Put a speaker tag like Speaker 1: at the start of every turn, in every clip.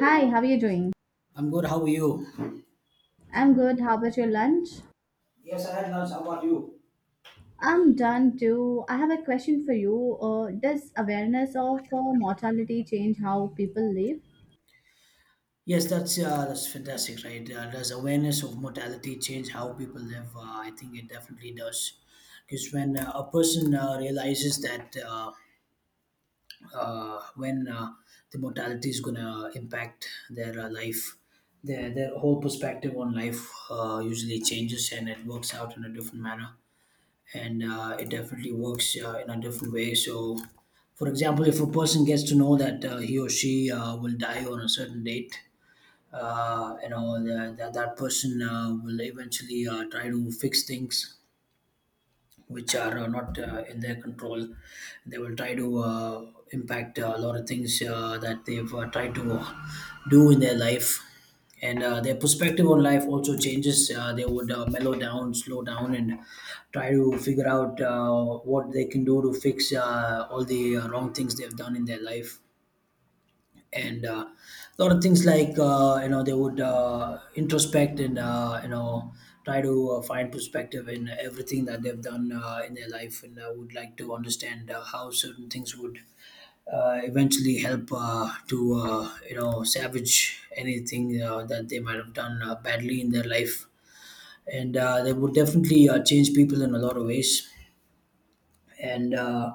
Speaker 1: Hi, how are you doing?
Speaker 2: I'm good. How are you?
Speaker 1: I'm good. How about your lunch?
Speaker 2: Yes, I had lunch. How about you?
Speaker 1: I'm done too. I have a question for you. Does awareness of mortality change how people live?
Speaker 2: Yes, that's fantastic, right? Does awareness of mortality change how people live? I think it definitely does, because when a person realizes that when the mortality is gonna impact their life, their whole perspective on life usually changes, and it works out in a different manner. And it definitely works in a different way. So, for example, if a person gets to know that he or she will die on a certain date, that person will eventually try to fix things which are not in their control. They will try to impact a lot of things that they've tried to do in their life. And their perspective on life also changes. They would mellow down, slow down, and try to figure out what they can do to fix all the wrong things they've done in their life and a lot of things like they would introspect and try to find perspective in everything that they've done in their life and would like to understand how certain things would eventually help to salvage anything that they might have done badly in their life and they would definitely change people in a lot of ways and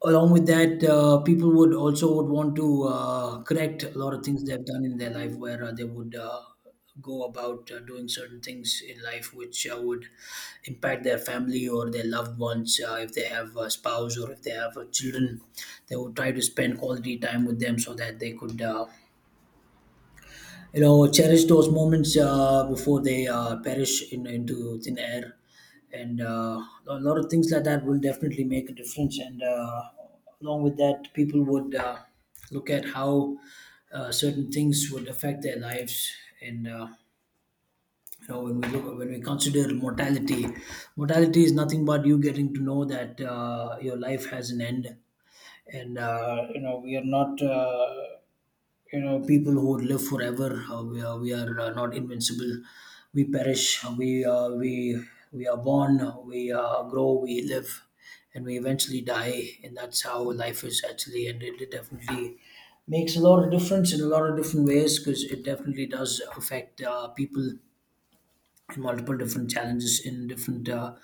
Speaker 2: Along with that, people would also would want to correct a lot of things they've done in their life, where they would go about doing certain things in life which would impact their family or their loved ones. If they have a spouse or if they have children, they would try to spend quality time with them so that they could. You know, cherish those moments before they perish into thin air and a lot of things like that will definitely make a difference, and along with that people would look at how certain things would affect their lives and when we look when we consider mortality. Mortality is nothing but you getting to know that your life has an end, and we are not people who would live forever. We are not invincible. We perish. We are born, we grow, we live, and we eventually die, and that's how life is actually. And it definitely makes a lot of difference in a lot of different ways, because it definitely does affect people in multiple different challenges in different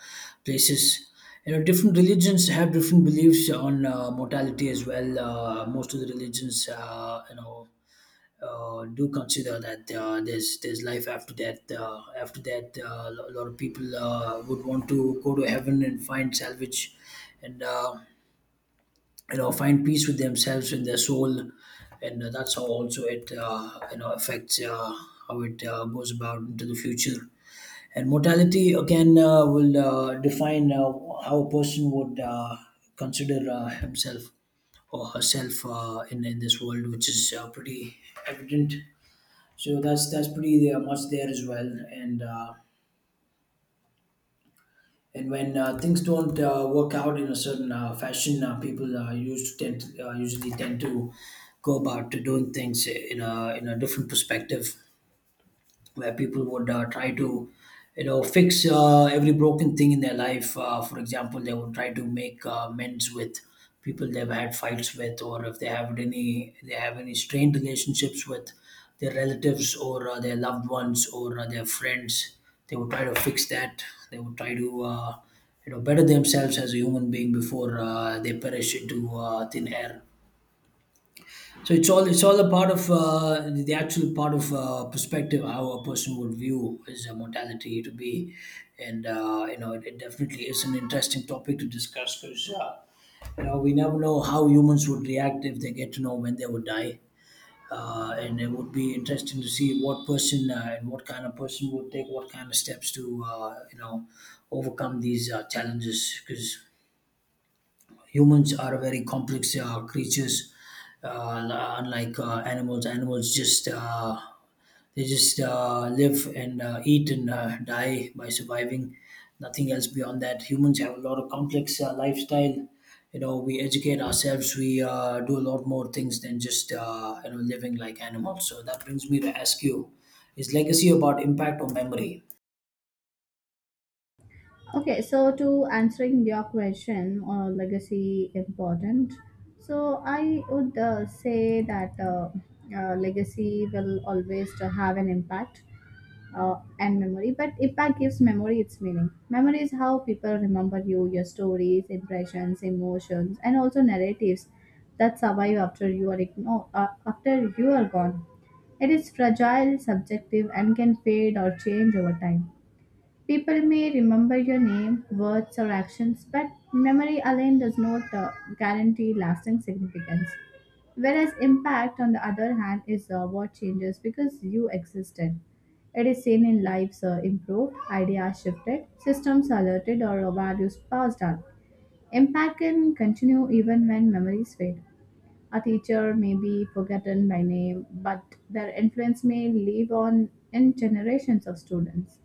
Speaker 2: places. You know, different religions have different beliefs on mortality as well. Most of the religions do consider that there's life after death. After that, a lot of people would want to go to heaven and find salvage, and find peace with themselves and their soul, and that's how also it affects how it goes about into the future. And mortality again will define how a person would consider himself or herself in this world, which is pretty evident. So that's pretty much there as well. And uh, and when things don't work out in a certain fashion, people used to tend to, usually tend to go about to doing things in a different perspective, where people would try to fix every broken thing in their life. For example, they would try to make amends with people they've had fights with, or if they have any strained relationships with their relatives or their loved ones or their friends, they would try to fix that. They would try to better themselves as a human being before they perish into thin air. So it's all a part of the actual part of perspective, how a person would view his mortality to be, and it definitely is an interesting topic to discuss, because we never know how humans would react if they get to know when they would die, and it would be interesting to see what person and what kind of person would take what kind of steps to overcome these challenges, because humans are very complex creatures. Unlike animals. Animals just live and eat and die by surviving, nothing else beyond that. Humans have a lot of complex lifestyle. You know, we educate ourselves, we do a lot more things than just living like animals. So that brings me to ask you: is legacy about impact or memory?
Speaker 1: Okay, so to answering your question, legacy important. So I would say that legacy will always to have an impact and memory, but impact gives memory its meaning. Memory is how people remember you, your stories, impressions, emotions, and also narratives that survive after you are after you are gone. It is fragile, subjective, and can fade or change over time. People may remember your name, words, or actions, but memory alone does not guarantee lasting significance. Whereas impact, on the other hand, is what changes because you existed. It is seen in lives improved, ideas shifted, systems alerted, or values passed on. Impact can continue even when memories fade. A teacher may be forgotten by name, but their influence may live on in generations of students.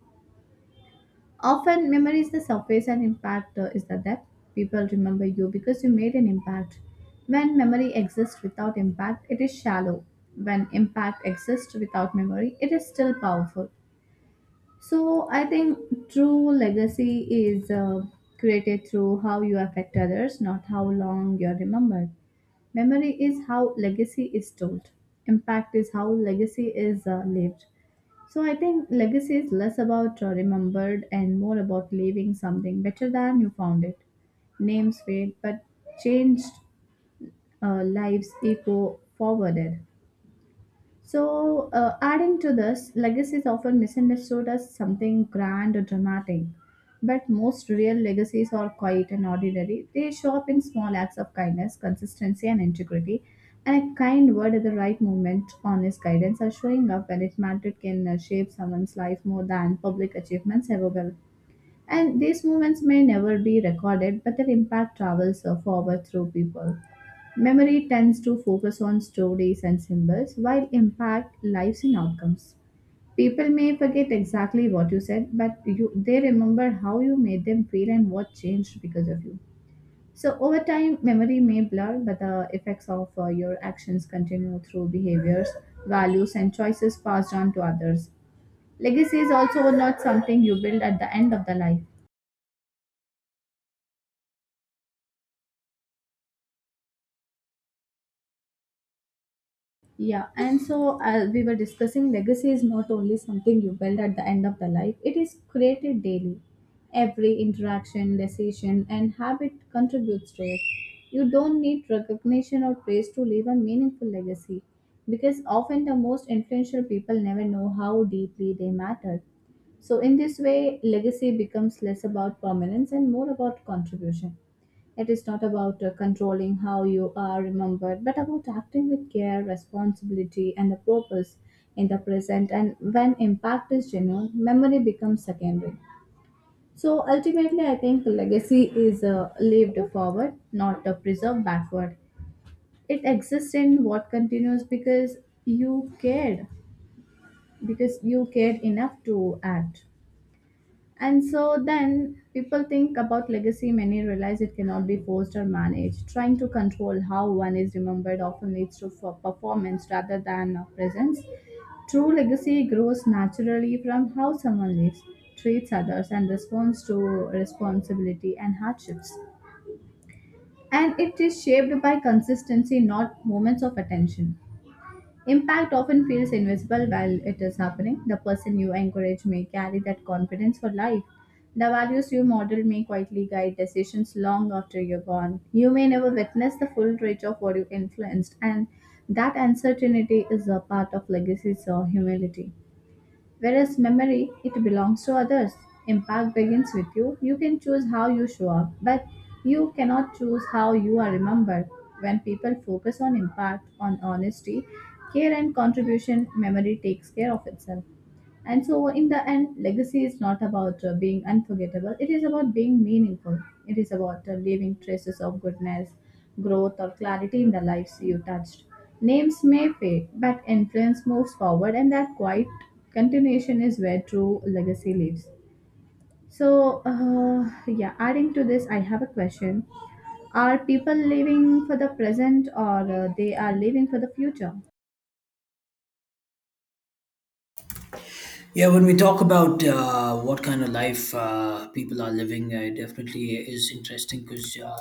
Speaker 1: Often, memory is the surface and impact is the depth. People remember you because you made an impact. When memory exists without impact, it is shallow. When impact exists without memory, it is still powerful. So, I think true legacy is created through how you affect others, not how long you're remembered. Memory is how legacy is told, impact is how legacy is lived. So I think legacy is less about remembered and more about leaving something better than you found it. Names fade, but changed lives echo forwarded. So, adding to this, legacy is often misunderstood as something grand or dramatic. But most real legacies are quiet and ordinary. They show up in small acts of kindness, consistency, and integrity. And a kind word at the right moment, honest guidance, are showing up when it mattered can shape someone's life more than public achievements ever will. And these moments may never be recorded, but their impact travels forward through people. Memory tends to focus on stories and symbols, while impact lives in outcomes. People may forget exactly what you said, but you, they remember how you made them feel and what changed because of you. So, over time, memory may blur, but the effects of your actions continue through behaviors, values, and choices passed on to others. Legacy is also not something you build at the end of the life. Yeah, and so we were discussing legacy is not only something you build at the end of the life, it is created daily. Every interaction, decision, and habit contributes to it. You don't need recognition or praise to leave a meaningful legacy because often the most influential people never know how deeply they matter. So, in this way, legacy becomes less about permanence and more about contribution. It is not about controlling how you are remembered, but about acting with care, responsibility, and a purpose in the present. And when impact is genuine, memory becomes secondary. So ultimately, I think legacy is lived forward, not preserved backward. It exists in what continues you cared, because you cared enough to act. And so then people think about legacy, many realize it cannot be forced or managed. Trying to control how one is remembered often leads to for performance rather than presence. True legacy grows naturally from how someone lives, treats others, and responds to responsibility and hardships. And it is shaped by consistency, not moments of attention. Impact often feels invisible while it is happening. The person you encourage may carry that confidence for life. The values you model may quietly guide decisions long after you're gone. You may never witness the full reach of what you influenced, and that uncertainty is a part of legacy's humility. Whereas memory, it belongs to others. Impact begins with you. You can choose how you show up, but you cannot choose how you are remembered. When people focus on impact, on honesty, care, and contribution, memory takes care of itself. And so, in the end, legacy is not about being unforgettable, it is about being meaningful. It is about leaving traces of goodness, growth, or clarity in the lives you touched. Names may fade, but influence moves forward, and that quiet continuation is where true legacy lives. So, yeah, adding to this, I have a question. Are people living for the present or they are living for the future?
Speaker 2: Yeah, when we talk about what kind of life people are living, it definitely is interesting, because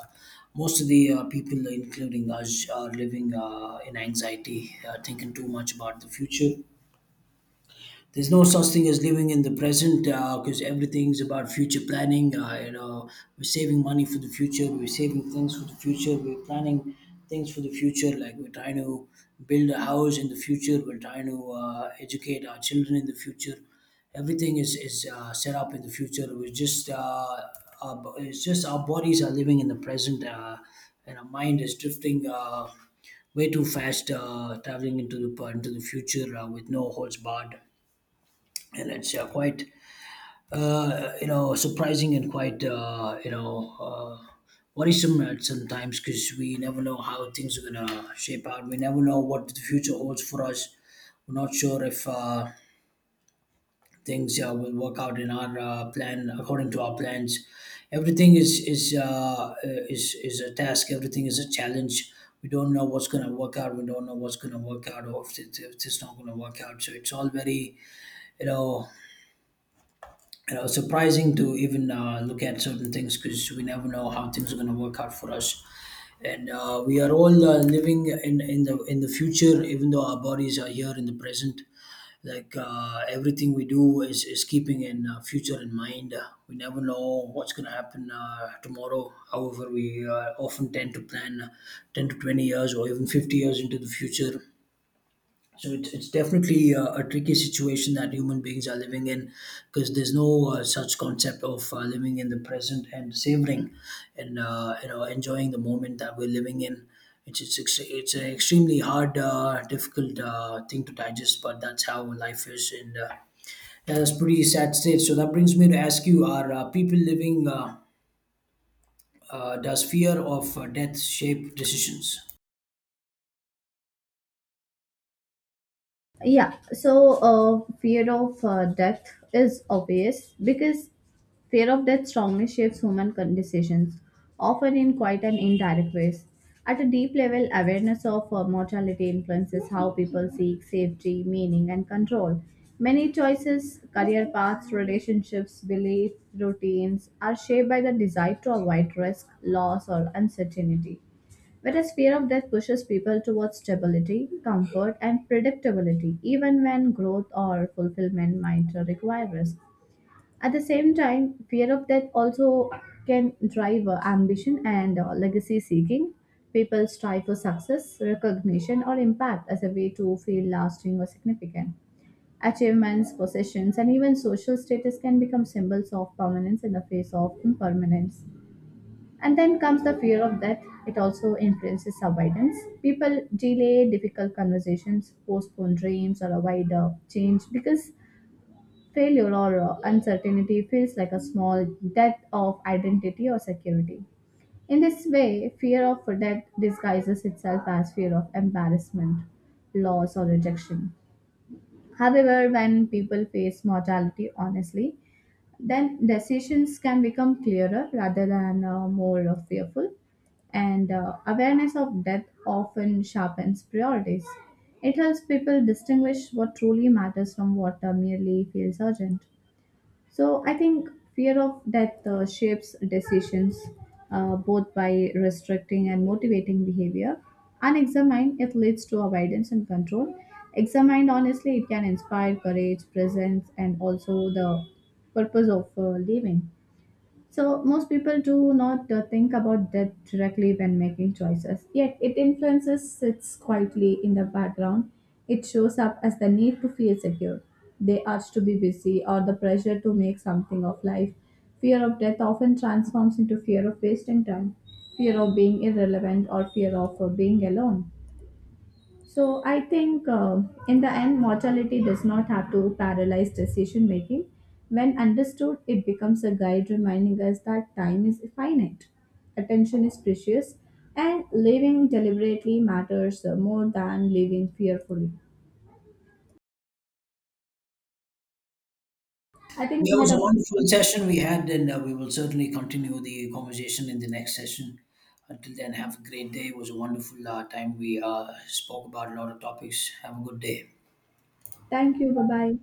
Speaker 2: most of the people, including us, are living in anxiety, thinking too much about the future. There's no such thing as living in the present, because everything's about future planning. You know, we're saving money for the future. We're saving things for the future. We're planning things for the future. Like, we're trying to build a house in the future. We're trying to educate our children in the future. Everything is set up in the future. We're just it's just our bodies are living in the present, and our mind is drifting. Way too fast, traveling into the future with no holds barred, and it's quite surprising and quite worrisome at sometimes, because we never know how things are gonna shape out. We never know what the future holds for us. We're not sure if things will work out in our plan according to our plans. Everything is a task. Everything is a challenge. We don't know what's gonna work out. We don't know what's gonna work out, or if it's not gonna work out. So it's all very, you know you know, surprising to even look at certain things, because we never know how things are going to work out for us. And we are all living in the future, even though our bodies are here in the present. Like, everything we do is keeping in future in mind. We never know what's going to happen tomorrow. However, we often tend to plan 10 to 20 years or even 50 years into the future. So it's definitely a tricky situation that human beings are living in, because there's no such concept of living in the present and savoring and enjoying the moment that we're living in. It's an extremely hard, difficult thing to digest, but that's how life is, and yeah, that's pretty sad state. So that brings me to ask you: Are people living? Does fear of death shape decisions?
Speaker 1: Yeah, so fear of death is obvious because fear of death strongly shapes human decisions, often in quite an indirect ways. At a deep level, awareness of mortality influences how people seek safety, meaning, and control. Many choices, career paths, relationships, beliefs, routines are shaped by the desire to avoid risk, loss, or uncertainty. Whereas fear of death pushes people towards stability, comfort, and predictability, even when growth or fulfillment might require risk. At the same time, fear of death also can drive ambition and legacy seeking. People strive for success, recognition, or impact as a way to feel lasting or significant. Achievements, possessions, and even social status can become symbols of permanence in the face of impermanence. And then comes the fear of death. It also influences avoidance. People delay difficult conversations, postpone dreams, or avoid change because failure or uncertainty feels like a small death of identity or security. In this way, fear of death disguises itself as fear of embarrassment, loss, or rejection. However, when people face mortality honestly, then decisions can become clearer rather than more fearful and awareness of death often sharpens priorities. It helps people distinguish what truly matters from what merely feels urgent. So I think fear of death shapes decisions both by restricting and motivating behavior. Unexamined, it leads to avoidance and control. Examined, honestly, it can inspire courage, presence, and also the purpose of living. So, most people do not think about death directly when making choices, yet it influences sits quietly in the background. It shows up as the need to feel secure, the urge to be busy, or the pressure to make something of life. Fear of death often transforms into fear of wasting time, fear of being irrelevant, or fear of being alone. So I think in the end, mortality does not have to paralyze decision making. When understood, it becomes a guide reminding us that time is finite, attention is precious, and living deliberately matters more than living fearfully. I think
Speaker 2: Yeah,
Speaker 1: we
Speaker 2: it
Speaker 1: had
Speaker 2: was a
Speaker 1: a
Speaker 2: wonderful session we had, and we will certainly continue the conversation in the next session. Until then, have a great day. It was a wonderful time. We spoke about a lot of topics. Have a good day.
Speaker 1: Thank you. Bye bye.